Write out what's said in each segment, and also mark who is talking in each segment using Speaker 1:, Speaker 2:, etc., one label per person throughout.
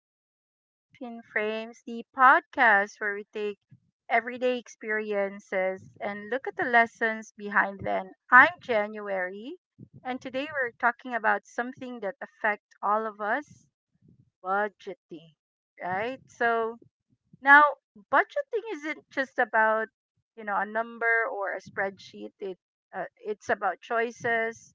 Speaker 1: to Life in Frames, the podcast where we take everyday experiences and look at the lessons behind them. I'm January, and today we're talking about something that affects all of us budgeting, right? So now, budgeting isn't just about a number or a spreadsheet. It's about choices,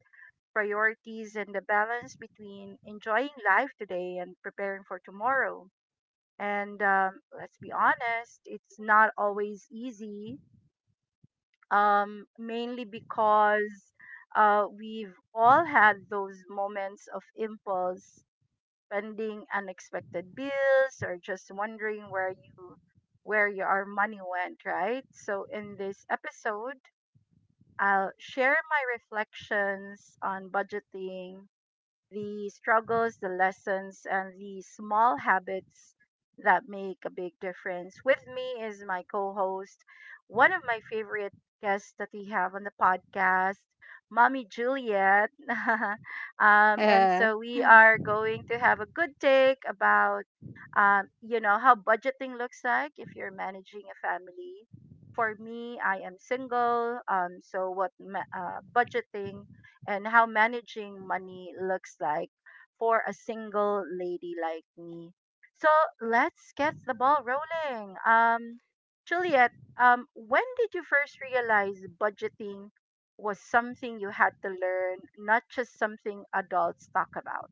Speaker 1: priorities and the balance between enjoying life today and preparing for tomorrow. And Let's be honest, it's not always easy, mainly because we've all had those moments of impulse spending, unexpected bills, or just wondering where your money went, right? So in this episode, I'll share my reflections on budgeting, the struggles, the lessons, and the small habits that make a big difference. With me is my co host, one of my favorite guests that we have on the podcast, Mommy Juliet. And so we are going to have a good take about. You know how budgeting looks like if you're managing a family. For me, I am single, so budgeting and how managing money looks like for a single lady like me. So let's get the ball rolling. Juliet, when did you first realize budgeting was something you had to learn, not just something adults talk about?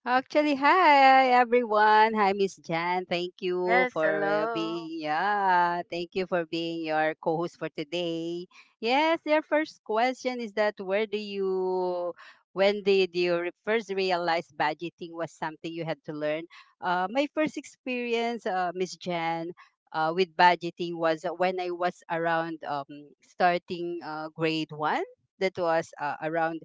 Speaker 2: Actually, hi everyone. Hi, Miss Jan. Thank you
Speaker 1: Yes,
Speaker 2: for
Speaker 1: hello.
Speaker 2: being, yeah. Thank you for being your co-host for today. Yes, your first question is that where do you when did you first realize budgeting was something you had to learn? My first experience, Miss Jan, with budgeting was when I was around, starting grade 1. That was around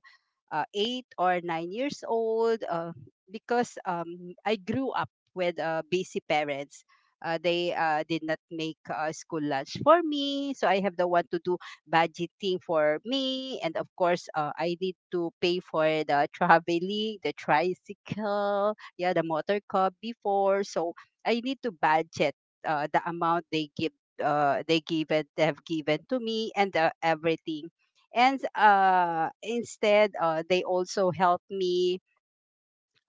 Speaker 2: 8 or 9 years old, because I grew up with busy parents. They did not make school lunch for me, so I have the one to do budgeting for me, and of course, I need to pay for the traveling, the tricycle, yeah, the motor car before. So I need to budget the amount they give, they have given to me, and everything. And instead they also help me,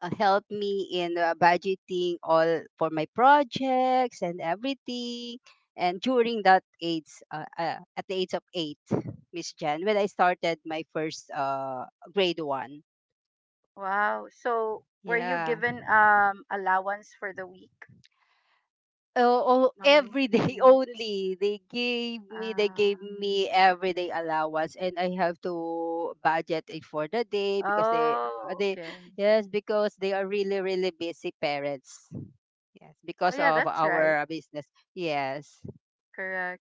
Speaker 2: help me in budgeting all for my projects and everything. And during that age, at the age of 8, Miss Jan, when I started my first grade 1.
Speaker 1: Wow. So were you
Speaker 2: Yeah.
Speaker 1: given allowance for the week,
Speaker 2: Oh,
Speaker 1: mommy?
Speaker 2: every day, only they
Speaker 1: Uh,
Speaker 2: gave me everyday allowance, and I have to budget it for the day because they. uh,
Speaker 1: oh,
Speaker 2: they
Speaker 1: okay.
Speaker 2: yes, because they are really really busy parents. Yes,
Speaker 1: Oh
Speaker 2: because
Speaker 1: yeah,
Speaker 2: of
Speaker 1: that's
Speaker 2: our
Speaker 1: right.
Speaker 2: business. Yes,
Speaker 1: Correct.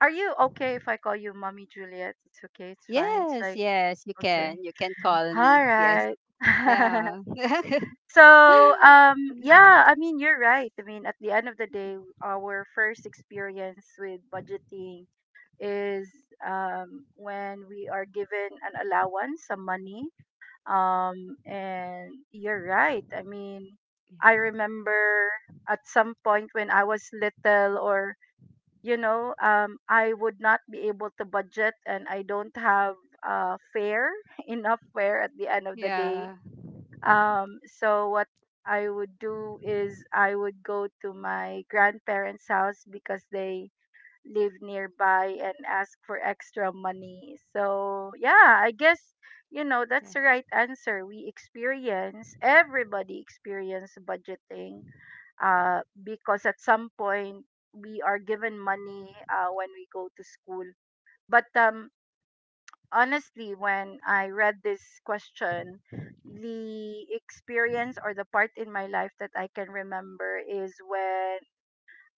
Speaker 1: Are you okay if I call you Mommy Juliet? It's okay, it's fine. It's
Speaker 2: yes.
Speaker 1: like,
Speaker 2: Yes,
Speaker 1: okay.
Speaker 2: you can call me.
Speaker 1: All
Speaker 2: Yes.
Speaker 1: right.
Speaker 2: Yeah.
Speaker 1: so, yeah, I mean, you're right. I mean, at the end of the day, our first experience with budgeting is when we are given an allowance, some money. And you're right. I mean, I remember at some point when I was little I would not be able to budget and I don't have fare, enough fare at the end of the day.
Speaker 2: Yeah,
Speaker 1: So, what I would do is I would go to my grandparents' house because they live nearby and ask for extra money. So, yeah, I guess, that's
Speaker 2: yeah,
Speaker 1: the right answer. We experience, everybody experience budgeting because at some point we are given money when we go to school. But Honestly, when I read this question, the experience or the part in my life that I can remember is when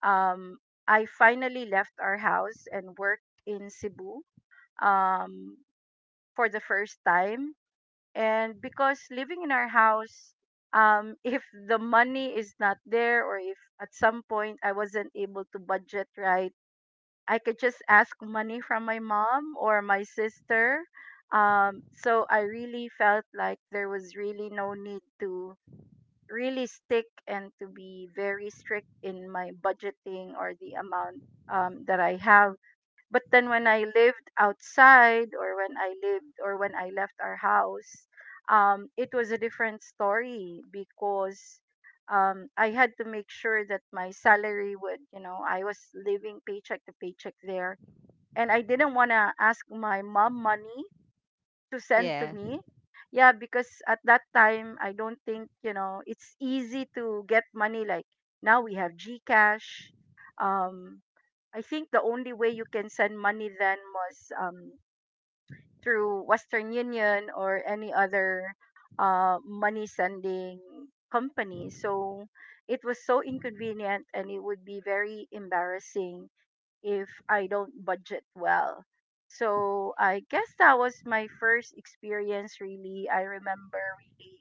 Speaker 1: um, I finally left our house and worked in Cebu um, for the first time, and because living in our house, if the money is not there or if at some point I wasn't able to budget right, I could just ask money from my mom or my sister. So I really felt like there was really no need to really stick and to be very strict in my budgeting or the amount that I have. But then when I lived outside or when I lived or when I left our house, it was a different story because I had to make sure that my salary would, you know, I was living paycheck to paycheck there. And I didn't want to ask my mom money to send to
Speaker 2: yeah,
Speaker 1: me. Yeah, because at that time, I don't think, you know, it's easy to get money. Like now we have Gcash. Um, I think the only way you can send money then was through Western Union or any other money sending company. So it was so inconvenient and it would be very embarrassing if I don't budget well. So I guess that was my first experience really. I remember really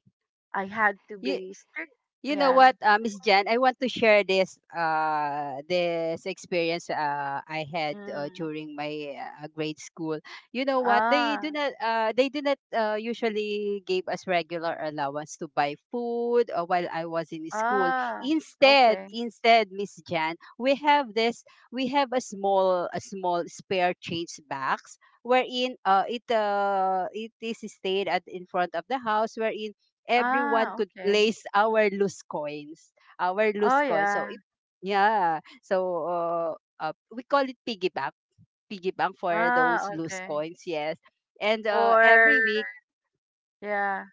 Speaker 1: I had to
Speaker 2: yeah.
Speaker 1: be strict.
Speaker 2: You know
Speaker 1: Yeah.
Speaker 2: what, Miss Jan, I want to share this, this experience, I had,
Speaker 1: Mm.
Speaker 2: during my grade school. You know what? They
Speaker 1: Ah,
Speaker 2: do not uh, they do not uh, usually gave us regular allowance to buy food, while I was in school.
Speaker 1: ah,
Speaker 2: Instead,
Speaker 1: okay.
Speaker 2: instead, Miss Jan, we have a small spare change box, wherein it is stayed at in front of the house, wherein everyone
Speaker 1: Ah,
Speaker 2: could
Speaker 1: okay.
Speaker 2: place our loose coins, our loose
Speaker 1: Oh,
Speaker 2: coins. So
Speaker 1: yeah.
Speaker 2: if, yeah, so, we call it piggy bank, for
Speaker 1: Ah,
Speaker 2: those loose
Speaker 1: okay.
Speaker 2: coins. Yes, and
Speaker 1: Or
Speaker 2: every week
Speaker 1: yeah.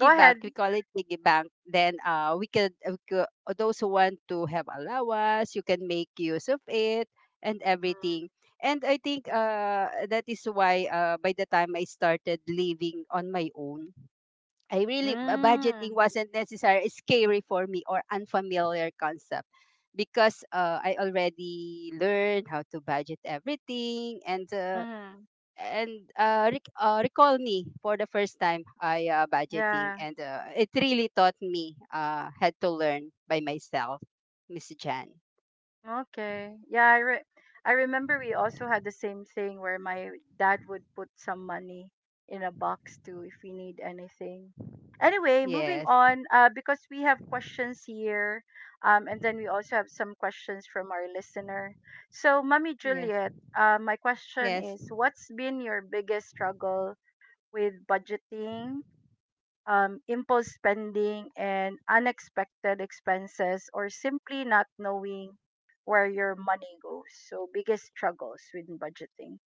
Speaker 1: Go
Speaker 2: bank,
Speaker 1: ahead.
Speaker 2: we call it piggy bank. Then we could those who want to have allowance, you can make use of it and everything. And I think that is why, by the time I started living on my own, budgeting
Speaker 1: Mm.
Speaker 2: wasn't necessary scary for me or unfamiliar concept, because I already learned how to budget everything, and
Speaker 1: Mm-hmm.
Speaker 2: recall me for the first time I, budgeting,
Speaker 1: Yeah.
Speaker 2: and it really taught me, had to learn by myself, Miss Jan.
Speaker 1: Okay. I remember we also had the same thing where my dad would put some money in a box too if we need anything. Anyway, moving
Speaker 2: Yes,
Speaker 1: on, because we have questions here, and then we also have some questions from our listener. So, Mommy
Speaker 2: yes,
Speaker 1: Juliet, my question
Speaker 2: yes.
Speaker 1: is, what's been your biggest struggle with budgeting, impulse spending, and unexpected expenses, or simply not knowing where your money goes. So, biggest struggles with budgeting.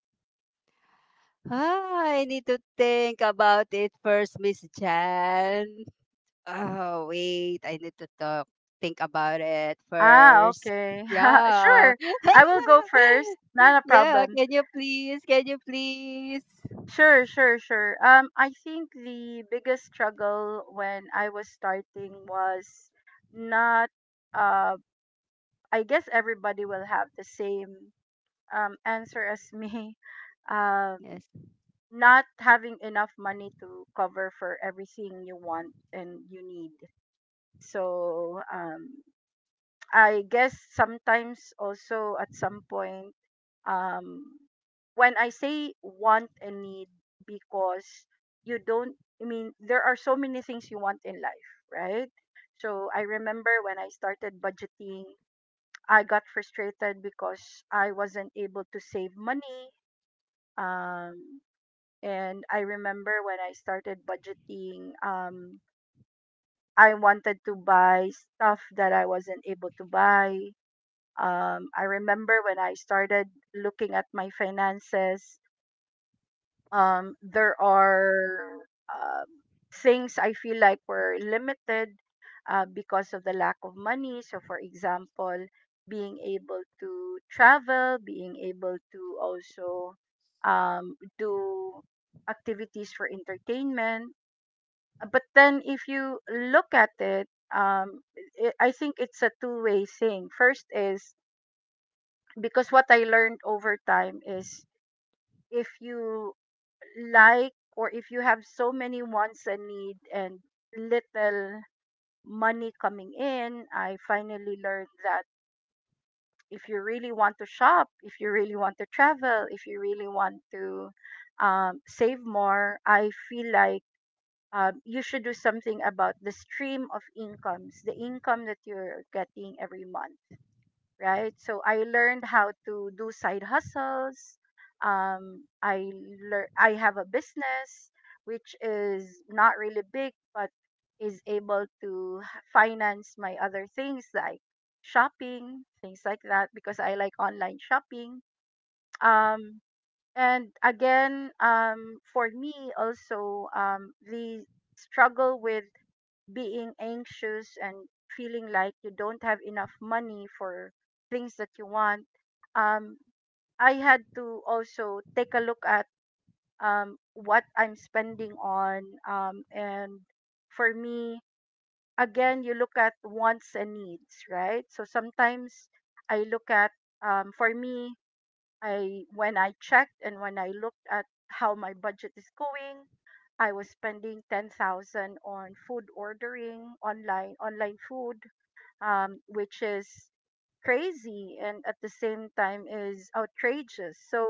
Speaker 2: Ah, I need to think about it first, Miss Jan. Oh, wait. I need to talk. Think about it
Speaker 1: Ah,
Speaker 2: first.
Speaker 1: okay.
Speaker 2: Yeah.
Speaker 1: Sure. I will go first. Not a
Speaker 2: Yeah.
Speaker 1: problem.
Speaker 2: Can you please? Can you please?
Speaker 1: Sure, sure, sure. I think the biggest struggle when I was starting was not, uh, I guess everybody will have the same answer as me. Um,
Speaker 2: Yes.
Speaker 1: Not having enough money to cover for everything you want and you need. So I guess sometimes also at some point, um, when I say want and need, because you don't, I mean, there are so many things you want in life, right? So I remember when I started budgeting, I got frustrated because I wasn't able to save money. Um, and I remember when I started budgeting, I wanted to buy stuff that I wasn't able to buy. I remember when I started looking at my finances, there are um, things I feel like were limited because of the lack of money. So, for example, being able to travel, being able to also do activities for entertainment. But then if you look at it, um I think it's a two-way thing. First is because what I learned over time is if you like, or if you have so many wants and need and little money coming in, I finally learned that if you really want to shop, if you really want to travel, if you really want to save more, I feel like you should do something about the stream of incomes, the income that you're getting every month, right? So I learned how to do side hustles. Um, I I have a business which is not really big, but is able to finance my other things like shopping, things like that, because I like online shopping. Um, and again, for me also, the struggle with being anxious and feeling like you don't have enough money for things that you want, um, I had to also take a look at what I'm spending on. And for me, again, you look at wants and needs, right? So sometimes I look at, for me, I when I checked and when I looked at how my budget is going, I was spending 10,000 on food ordering online, online food, which is crazy and at the same time is outrageous. So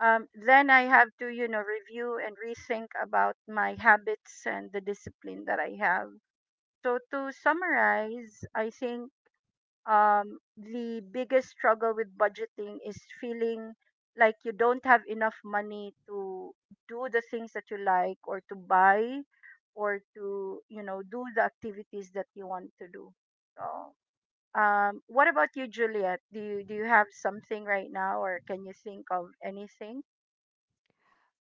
Speaker 1: um, then I have to, you know, review and rethink about my habits and the discipline that I have. So to summarize, I think the biggest struggle with budgeting is feeling like you don't have enough money to do the things that you like or to buy or to you know do the activities that you want to do. So what about you, Juliet? Do you have something right now or can you think of anything?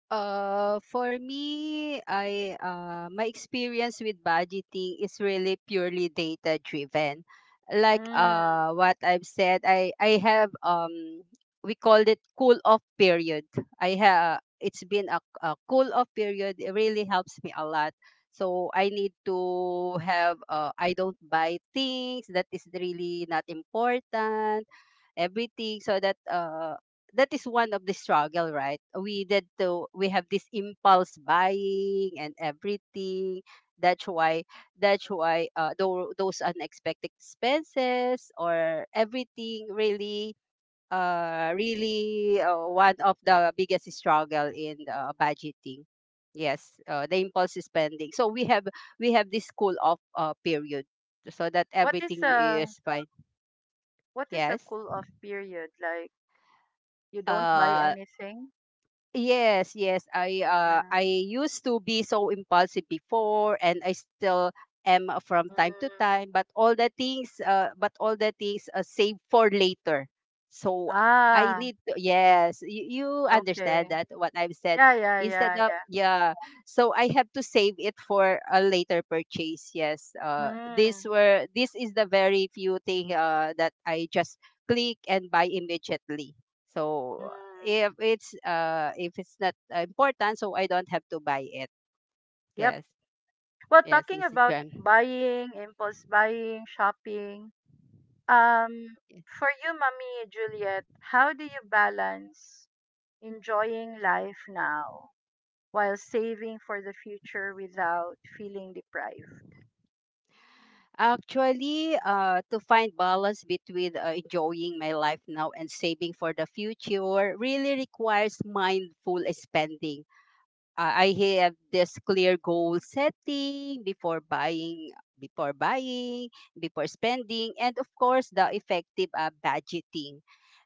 Speaker 2: For me, I my experience with budgeting is really purely data driven. Like,
Speaker 1: Mm.
Speaker 2: what I've said, I have, we called it cool off period. I have — it's been a cool off period. It really helps me a lot. So I need to have, I don't buy things that is really not important, everything, so that that is one of the struggle, right, we did to — we have this impulse buying and everything. That's why that's why, those unexpected expenses or everything really, one of the biggest struggle in budgeting. Yes, the impulse spending, so we have this cool off period so that
Speaker 1: What is
Speaker 2: everything
Speaker 1: a
Speaker 2: is fine. Yes.
Speaker 1: cool off period like? You don't buy
Speaker 2: uh.
Speaker 1: anything?
Speaker 2: Yes, yes. I uh
Speaker 1: Mm.
Speaker 2: I used to be so impulsive before, and I still am, from
Speaker 1: Mm.
Speaker 2: time to time, but all the things but all the things, save for later. So I
Speaker 1: Ah,
Speaker 2: need to — yes, you
Speaker 1: okay.
Speaker 2: understand that what I've said.
Speaker 1: Yeah, yeah,
Speaker 2: Instead
Speaker 1: yeah,
Speaker 2: of,
Speaker 1: yeah.
Speaker 2: yeah, so I have to save it for a later purchase. Yes. These
Speaker 1: Mm,
Speaker 2: were this is the very few thing that I just click and buy immediately. So
Speaker 1: mm,
Speaker 2: if it's not important, so I don't have to buy it.
Speaker 1: yep.
Speaker 2: Yes.
Speaker 1: Well,
Speaker 2: Yes,
Speaker 1: talking
Speaker 2: Mister
Speaker 1: about
Speaker 2: Jem.
Speaker 1: buying, impulse buying, shopping, um, for you, Mommy Juliet, how do you balance enjoying life now while saving for the future without feeling deprived?
Speaker 2: Actually, to find balance between enjoying my life now and saving for the future really requires mindful spending. I have this clear goal setting before buying, before buying before spending, and of course the effective budgeting.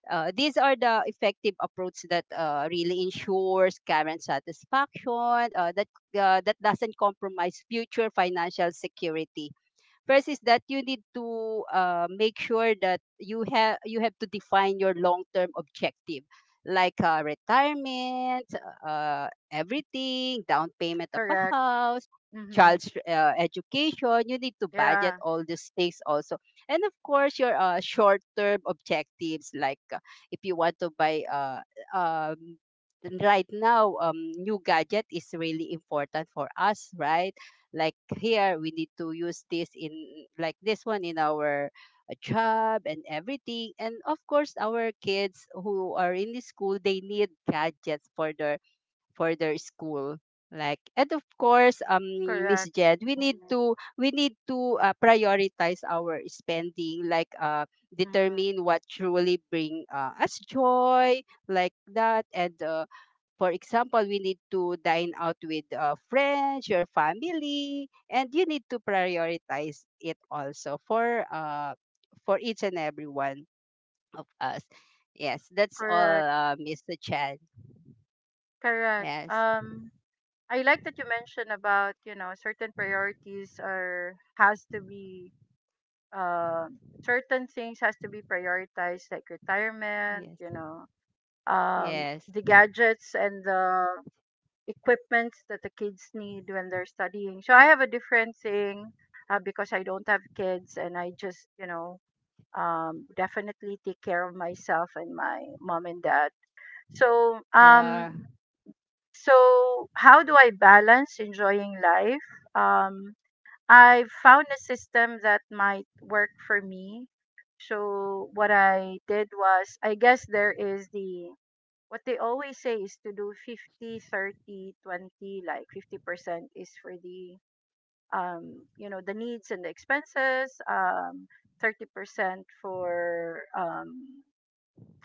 Speaker 2: These are the effective approach that really ensures current satisfaction, that doesn't compromise future financial security. First is that you need to make sure that you have to define your long term objective, like retirement, everything, down payment of a
Speaker 1: Correct.
Speaker 2: house,
Speaker 1: Mm-hmm.
Speaker 2: child's education. You need to budget
Speaker 1: Yeah,
Speaker 2: all these things also, and of course your short term objectives, like, if you want to buy, um, right now, new gadget is really important for us, right? Like, here we need to use this in — like this one in our job and everything. And of course our kids who are in the school, they need gadgets for their school, like, and of course, Miss
Speaker 1: correct.
Speaker 2: Jed, we need
Speaker 1: Mm-hmm.
Speaker 2: to we need to prioritize our spending, like
Speaker 1: Mm-hmm.
Speaker 2: determine what truly bring us joy, like that. And for example, we need to dine out with friends, your family, and you need to prioritize it also for each and every one of us. Yes, that's all,
Speaker 1: Correct,
Speaker 2: Mr. Chan.
Speaker 1: correct.
Speaker 2: Yes,
Speaker 1: I like that you mentioned about you know certain priorities are has to be, uh, certain things has to be prioritized like retirement,
Speaker 2: yes,
Speaker 1: you know, um,
Speaker 2: yes,
Speaker 1: the gadgets and the equipments that the kids need when they're studying. So I have a different thing because I don't have kids and I just you know definitely take care of myself and my mom and dad. So um
Speaker 2: yeah,
Speaker 1: so, how do I balance enjoying life? Um, I've found a system that might work for me. So, what I did was, I guess there is the what they always say is to do 50, 30, 20. Like 50% is for the you know, the needs and the expenses, 30% for um,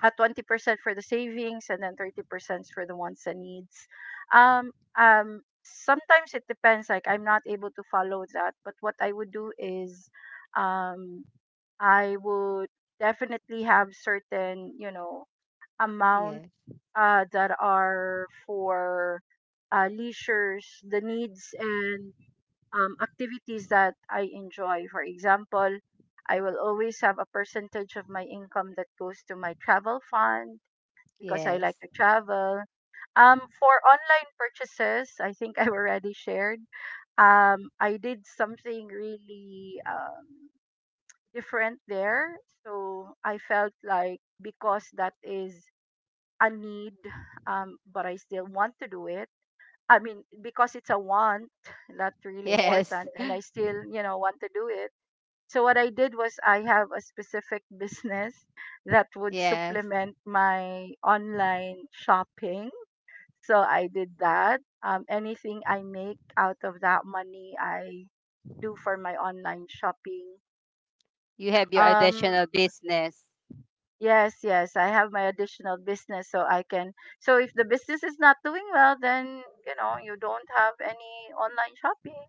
Speaker 1: uh, 20% for the savings and then 30% for the wants and needs. Um, Sometimes it depends. Like I'm not able to follow that, but what I would do is, um, I would definitely have certain, you know, amount
Speaker 2: yes,
Speaker 1: that are for leisures, the needs and activities that I enjoy. For example, I will always have a percentage of my income that goes to my travel fund because I like
Speaker 2: yes,
Speaker 1: to travel. For online purchases, I think I already shared. I did something really different there. So I felt like because that is a need, but I still want to do it. I mean, because it's a want, that's really
Speaker 2: yes.
Speaker 1: important, and I still, you know, want to do it. So what I did was I have a specific business that would
Speaker 2: Yes.
Speaker 1: supplement my online shopping, so I did that. Anything I make out of that money, I do for my online shopping.
Speaker 2: You have your
Speaker 1: Um,
Speaker 2: additional business.
Speaker 1: yes, yes, I have my additional business, so I can. So if the business is not doing well, then you know you don't have any online shopping.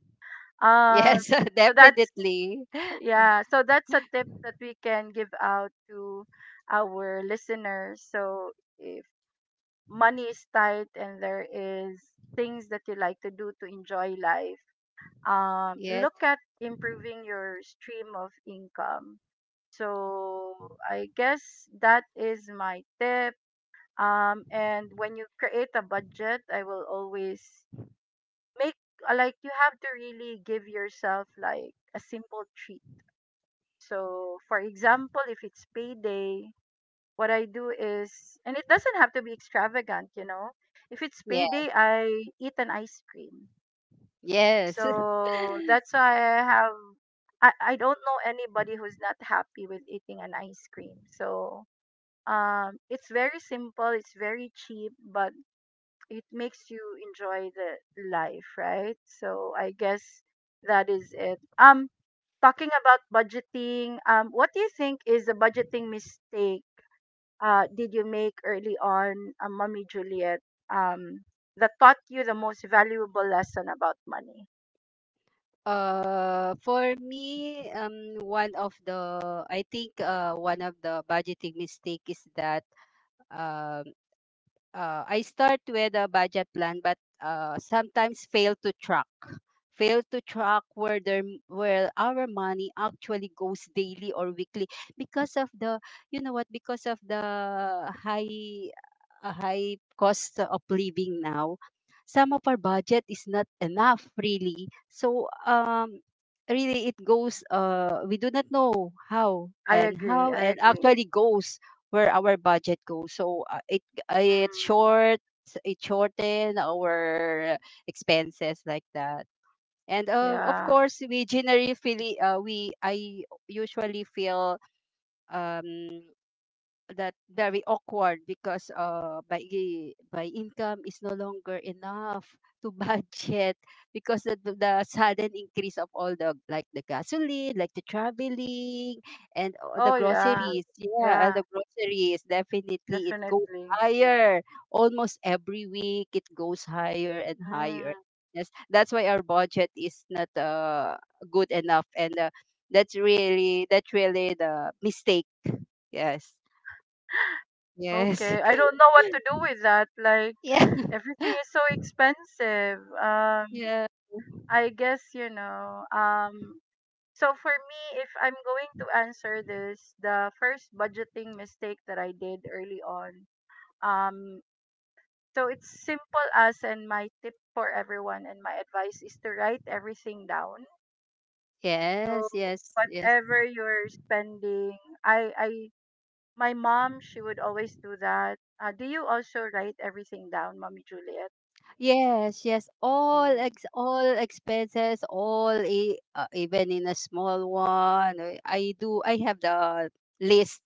Speaker 1: Um,
Speaker 2: Yes.
Speaker 1: so that's
Speaker 2: Definitely.
Speaker 1: yeah. So that's a tip that we can give out to our listeners. So if money is tight and there is things that you like to do to enjoy life,
Speaker 2: Yes,
Speaker 1: look at improving your stream of income. So I guess that is my tip. And when you create a budget, I will always make, like, you have to really give yourself like a simple treat. So for example, if it's payday, what I do is, and it doesn't have to be extravagant, you know. If it's
Speaker 2: yes,
Speaker 1: payday, I eat an ice cream.
Speaker 2: yes.
Speaker 1: So that's why I have I don't know anybody who's not happy with eating an ice cream. So it's very simple, it's very cheap, but it makes you enjoy the life, right? So I guess that is it. Talking about budgeting, um, what do you think is a budgeting mistake did you make early on, Mommy Juliet? Um that taught you the most valuable lesson about money.
Speaker 2: For me, one of the I think, one of the budgeting mistake is that, um I start with a budget plan, but sometimes fail to track. Fail to track where our money actually goes daily or weekly, because of the — you know what, because of the high, a high cost of living now. Some of our budget is not enough really. So, really it goes. We do not know how,
Speaker 1: I
Speaker 2: and
Speaker 1: agree.
Speaker 2: how
Speaker 1: I
Speaker 2: and
Speaker 1: agree.
Speaker 2: actually goes where our budget goes. So uh, it
Speaker 1: Mm,
Speaker 2: short it shorten our expenses like that. And of
Speaker 1: yeah.
Speaker 2: course, we generally feel, we I usually feel, um that very awkward, because my income is no longer enough to budget, because the sudden increase of all the, like the gasoline, like the traveling, and all
Speaker 1: Oh,
Speaker 2: the
Speaker 1: yeah.
Speaker 2: groceries, yeah, and
Speaker 1: Yeah,
Speaker 2: the groceries definitely, it goes
Speaker 1: definitely.
Speaker 2: higher almost every week, it goes higher and higher.
Speaker 1: Mm.
Speaker 2: Yes, that's why our budget is not good enough, and that's really the mistake. Yes. Yes.
Speaker 1: Okay. I don't know what to do with that. Like,
Speaker 2: Yeah.
Speaker 1: everything is so expensive.
Speaker 2: Yeah.
Speaker 1: I guess, you know, um, so for me, if I'm going to answer this, the first budgeting mistake that I did early on, um, so it's simple as, and my tip for everyone and my advice is to write everything down. So
Speaker 2: Yes, yes, yes,
Speaker 1: whatever you're spending, I my mom, she would always do that. Do you also write everything down, Mommy Juliet,
Speaker 2: yes, yes.
Speaker 1: in
Speaker 2: All expenses, all e even in a small one. I do. I have the list.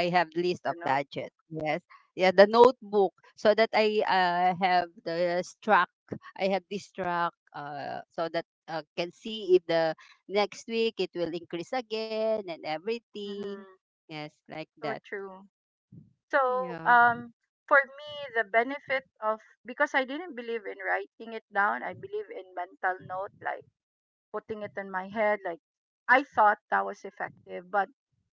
Speaker 2: I have list
Speaker 1: your
Speaker 2: of
Speaker 1: notebook?
Speaker 2: budget. Yes, yeah, the notebook so that I have the track. I have this track, so that can see if the next week it will increase again and everything.
Speaker 1: Hmm.
Speaker 2: Yes, like
Speaker 1: So
Speaker 2: that.
Speaker 1: true. So
Speaker 2: Yeah.
Speaker 1: um for me, the benefit of, because I didn't believe in writing it down, I believe in mental note, like putting it in my head, like I thought that was effective, but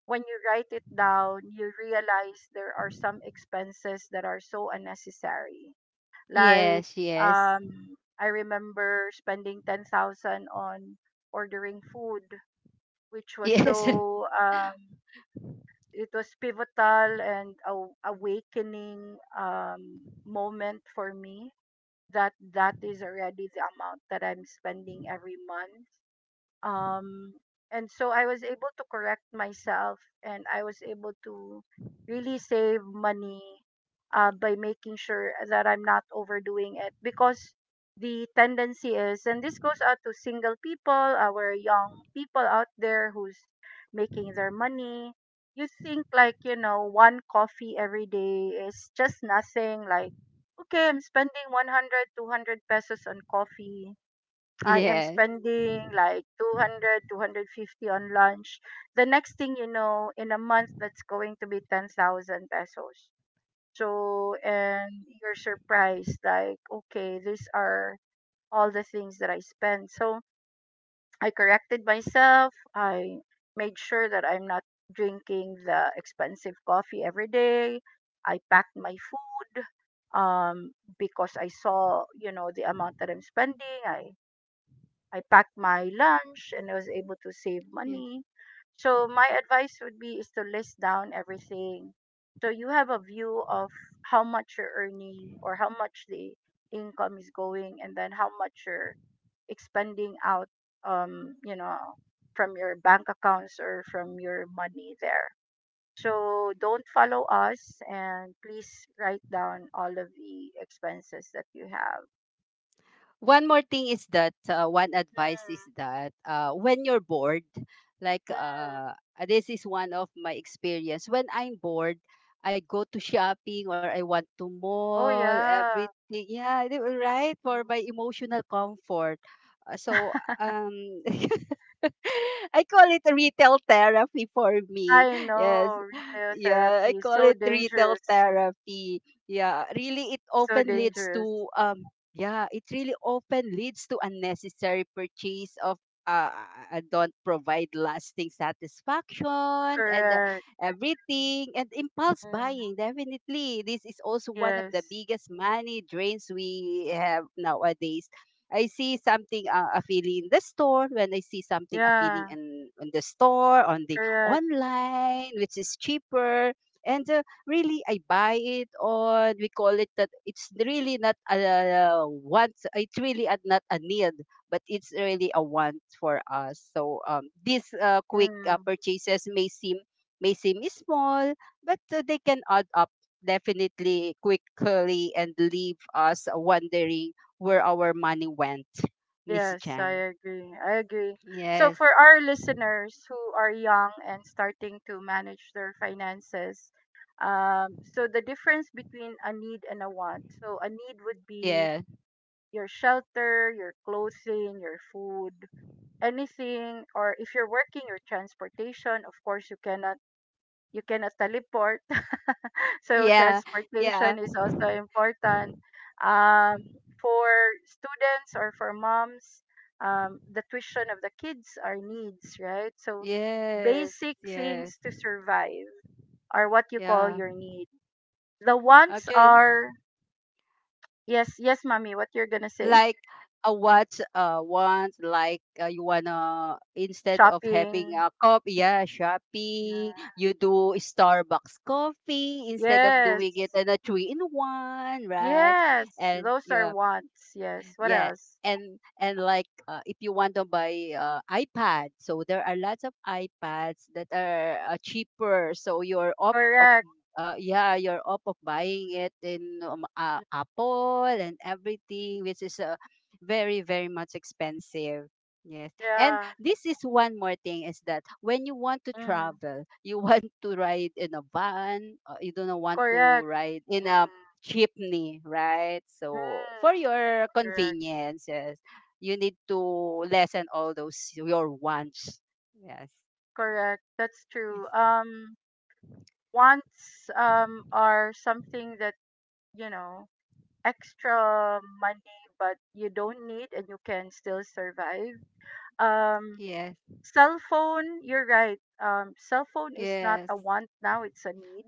Speaker 1: when you write it down, you realize there are some expenses that are so unnecessary.
Speaker 2: Yes,
Speaker 1: Like,
Speaker 2: yes.
Speaker 1: I remember spending 10,000 on ordering food, which was
Speaker 2: Yes.
Speaker 1: so it was pivotal and a awakening moment for me, that that is already the amount that I'm spending every month, um and so I was able to correct myself, and I was able to really save money, by making sure that I'm not overdoing it, because the tendency is, and this goes out to single people, our young people out there who's making their money, you think like, you know, one coffee every day is just nothing, like, okay, I'm spending 100, 200 pesos on coffee. I am
Speaker 2: Yes.
Speaker 1: spending like 200, 250 on lunch. The next thing you know, in a month, that's going to be 10,000 pesos. So, and you're surprised, like, okay, these are all the things that I spend. So I corrected myself. I made sure that I'm not drinking the expensive coffee every day. I packed my food, um because I saw, you know, the amount that I'm spending. I packed my lunch and I was able to save
Speaker 2: Yes.
Speaker 1: money. So my advice would be is to list down everything. So you have a view of how much you're earning or how much the income is going, and then how much you're expending out, um you know from your bank accounts or from your money there. So don't follow us and please write down all of the expenses that you have.
Speaker 2: One more thing is that, one advice is
Speaker 1: Mm,
Speaker 2: that, when you're bored, like,
Speaker 1: mm.
Speaker 2: this is one of my experience, when I'm bored, I go to shopping or I want to
Speaker 1: Oh
Speaker 2: mall
Speaker 1: yeah.
Speaker 2: everything, yeah, they were right for my emotional comfort. So, um I call it retail therapy for me.
Speaker 1: I
Speaker 2: Yes.
Speaker 1: know retail
Speaker 2: Yeah, I
Speaker 1: therapy is
Speaker 2: call
Speaker 1: so
Speaker 2: it retail
Speaker 1: dangerous,
Speaker 2: therapy. Yeah, really it
Speaker 1: so
Speaker 2: often leads
Speaker 1: dangerous.
Speaker 2: to, yeah, it really often leads to unnecessary purchase of, uh, don't provide lasting satisfaction, and
Speaker 1: Correct.
Speaker 2: everything, and impulse
Speaker 1: Mm.
Speaker 2: buying. Definitely, this is also one of the
Speaker 1: Yes.
Speaker 2: biggest money drains we have nowadays. I see something appealing in the store When I see something appealing
Speaker 1: Yeah.
Speaker 2: in the store on the
Speaker 1: Correct.
Speaker 2: online, which is cheaper, and really I buy it on — we call it, that it's really not a want, it's really, not a need, but it's really a want for us. So, these quick
Speaker 1: Mm.
Speaker 2: purchases may seem small, but they can add up definitely quickly and leave us wondering where our money went, Miss
Speaker 1: Yes,
Speaker 2: Jan.
Speaker 1: I agree. I agree. So
Speaker 2: Yes,
Speaker 1: for our listeners who are young and starting to manage their finances, um, so the difference between a need and a want. So a need would be
Speaker 2: yeah,
Speaker 1: your shelter, your clothing, your food, anything, or if you're working, your transportation, of course. You cannot teleport. So
Speaker 2: yeah, yeah.
Speaker 1: transportation is also important. Um, for students or for moms, the tuition of the kids are needs, right? So
Speaker 2: Yes,
Speaker 1: basic
Speaker 2: yes,
Speaker 1: things to survive are what you call
Speaker 2: yeah.
Speaker 1: your need. The wants
Speaker 2: Actually,
Speaker 1: are yes, yes, mommy. What you're gonna say?
Speaker 2: like, what's once, like, you wanna, instead of having
Speaker 1: Shopping.
Speaker 2: a cup, yeah, shopping,
Speaker 1: Yeah.
Speaker 2: you do Starbucks coffee instead of
Speaker 1: Yes,
Speaker 2: doing it in a three in one, right?
Speaker 1: yes.
Speaker 2: And
Speaker 1: Those are
Speaker 2: yeah,
Speaker 1: wants. Yes. What
Speaker 2: yeah.
Speaker 1: else?
Speaker 2: And like, if you want to buy, iPad, so there are lots of iPads that are cheaper, so you're up of
Speaker 1: Correct.
Speaker 2: yeah, you're up of buying it in, Apple, and everything, which is very very much expensive. Yes. And
Speaker 1: Yeah.
Speaker 2: this is one more thing, is that when you want to
Speaker 1: Mm.
Speaker 2: travel, you want to ride in a van, you don't want to
Speaker 1: Correct.
Speaker 2: ride in a
Speaker 1: Mm,
Speaker 2: jeepney, right? So for
Speaker 1: mm,
Speaker 2: your
Speaker 1: correct,
Speaker 2: conveniences, you need to lessen all those your wants. Yes.
Speaker 1: correct. That's true.
Speaker 2: Yes.
Speaker 1: Wants are something that, you know, extra money, but you don't need, and you can still survive. Um,
Speaker 2: Yes.
Speaker 1: cell phone. You're right. Cell phone is not a
Speaker 2: Yes.
Speaker 1: want now; it's a need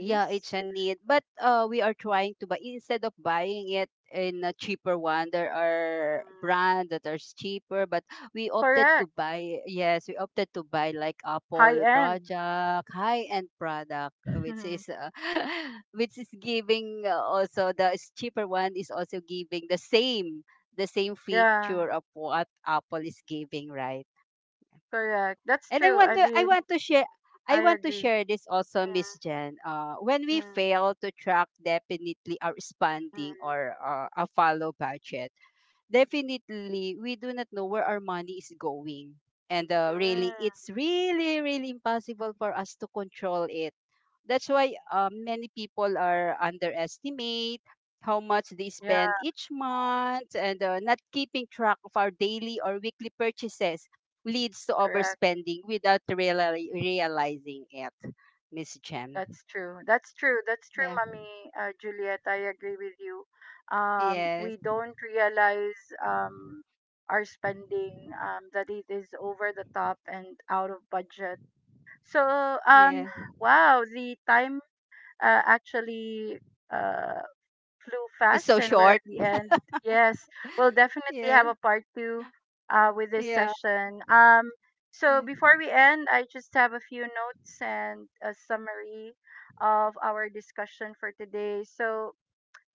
Speaker 2: Yeah, it's a need. But we are trying to buy, instead of buying it in a cheaper one. There are
Speaker 1: Mm,
Speaker 2: brands that are cheaper, but we opted to
Speaker 1: correct.
Speaker 2: buy. Yes, we opted to buy, like,
Speaker 1: High
Speaker 2: Apple
Speaker 1: end.
Speaker 2: product, high end product, which is which is giving, also, cheaper one is also giving the same
Speaker 1: Yeah,
Speaker 2: feature of what Apple is giving, right?
Speaker 1: correct. That's
Speaker 2: And
Speaker 1: true. I mean,
Speaker 2: I
Speaker 1: I
Speaker 2: want to
Speaker 1: agree.
Speaker 2: share this also, Miss Jen. When we
Speaker 1: Mm,
Speaker 2: fail to track definitely our
Speaker 1: mm,
Speaker 2: spending,
Speaker 1: mm,
Speaker 2: or a follow budget, definitely we do not know where our money is going. And really,
Speaker 1: mm.
Speaker 2: it's really, really impossible for us to control it. That's why, many people are underestimate how much they spend
Speaker 1: Yeah,
Speaker 2: each month, and not keeping track of our daily or weekly purchases leads to
Speaker 1: correct.
Speaker 2: overspending without really realizing it, Miss Jem.
Speaker 1: That's true. That's true. That's true,
Speaker 2: Yeah.
Speaker 1: Mommy Juliet. I agree with you. We
Speaker 2: Yes.
Speaker 1: don't realize um, our spending, that it is over the top and out of budget. So, um,
Speaker 2: Yeah.
Speaker 1: wow, the time actually uh, flew
Speaker 2: It's
Speaker 1: fast
Speaker 2: so
Speaker 1: and we're at
Speaker 2: short.
Speaker 1: the end. Yes, we'll definitely have
Speaker 2: Yes.
Speaker 1: a part two with this
Speaker 2: Yeah.
Speaker 1: session. So
Speaker 2: Yeah.
Speaker 1: before we end, I just have a few notes and a summary of our discussion for today. So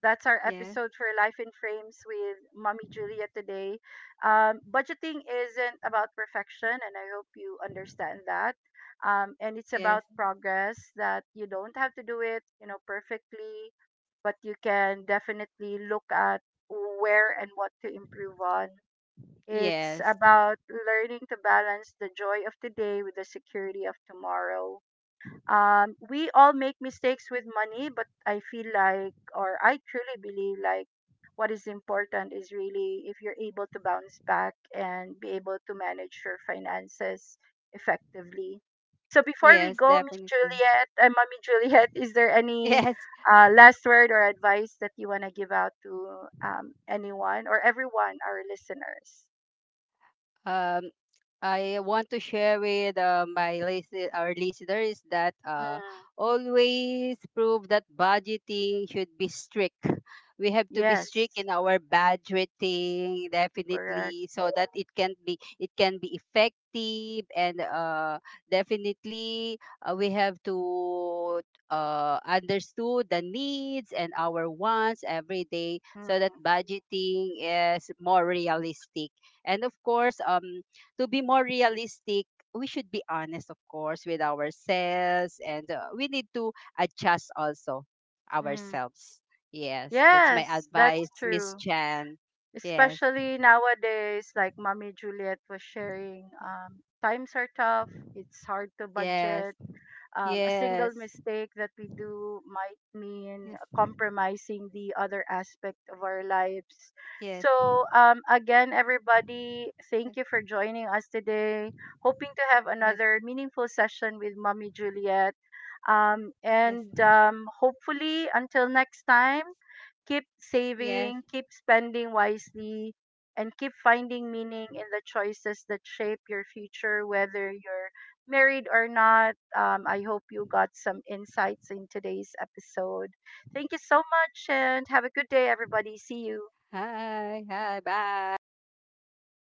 Speaker 1: that's our
Speaker 2: Yes.
Speaker 1: episode for Life in Frames with Mommy Julia today. Budgeting isn't about perfection, and I hope you understand that. And it's
Speaker 2: Yes.
Speaker 1: about progress, that you don't have to do it, you know, perfectly, but you can definitely look at where and what to improve on. It's
Speaker 2: Yes.
Speaker 1: about learning to balance the joy of today with the security of tomorrow. We all make mistakes with money, but I feel like, or I truly believe, like, what is important is really if you're able to bounce back and be able to manage your finances effectively. So before we
Speaker 2: Yes.
Speaker 1: go, Miss
Speaker 2: Definitely.
Speaker 1: Juliet, and Mommy Juliet, is there any
Speaker 2: Yes.
Speaker 1: last word or advice that you want to give out to anyone or everyone, our listeners.
Speaker 2: Um. I want to share with our listeners that,
Speaker 1: Mm,
Speaker 2: always prove that budgeting should be strict. We have to be
Speaker 1: yes,
Speaker 2: strict in our budgeting
Speaker 1: correct.
Speaker 2: definitely, so that it can be effective. And definitely, we have to understood the needs and our wants every day so that
Speaker 1: Mm,
Speaker 2: budgeting is more realistic. And of course, to be more realistic, we should be honest, of course, with ourselves, and we need to adjust also
Speaker 1: mm.
Speaker 2: ourselves. Yes, that's my
Speaker 1: Yes, that's
Speaker 2: advice, Miss
Speaker 1: true,
Speaker 2: Chan. Yes,
Speaker 1: especially nowadays, like Mommy Juliet was sharing. Times are tough, it's hard to
Speaker 2: yes,
Speaker 1: budget. A single
Speaker 2: yes,
Speaker 1: mistake that we do might mean
Speaker 2: yes,
Speaker 1: compromising the other aspect of our lives.
Speaker 2: yes,
Speaker 1: So, again, everybody, thank
Speaker 2: yes,
Speaker 1: you for joining us today. Hoping to have
Speaker 2: yes,
Speaker 1: another meaningful session with Mommy Juliet.
Speaker 2: yes.
Speaker 1: And hopefully, until next time, keep
Speaker 2: Yes.
Speaker 1: saving, keep spending wisely, and keep finding meaning in the choices that shape your future, whether you're married or not. I hope you got some insights in today's episode. Thank you so much and have a good day, everybody. See you.
Speaker 2: Hi, hi, bye.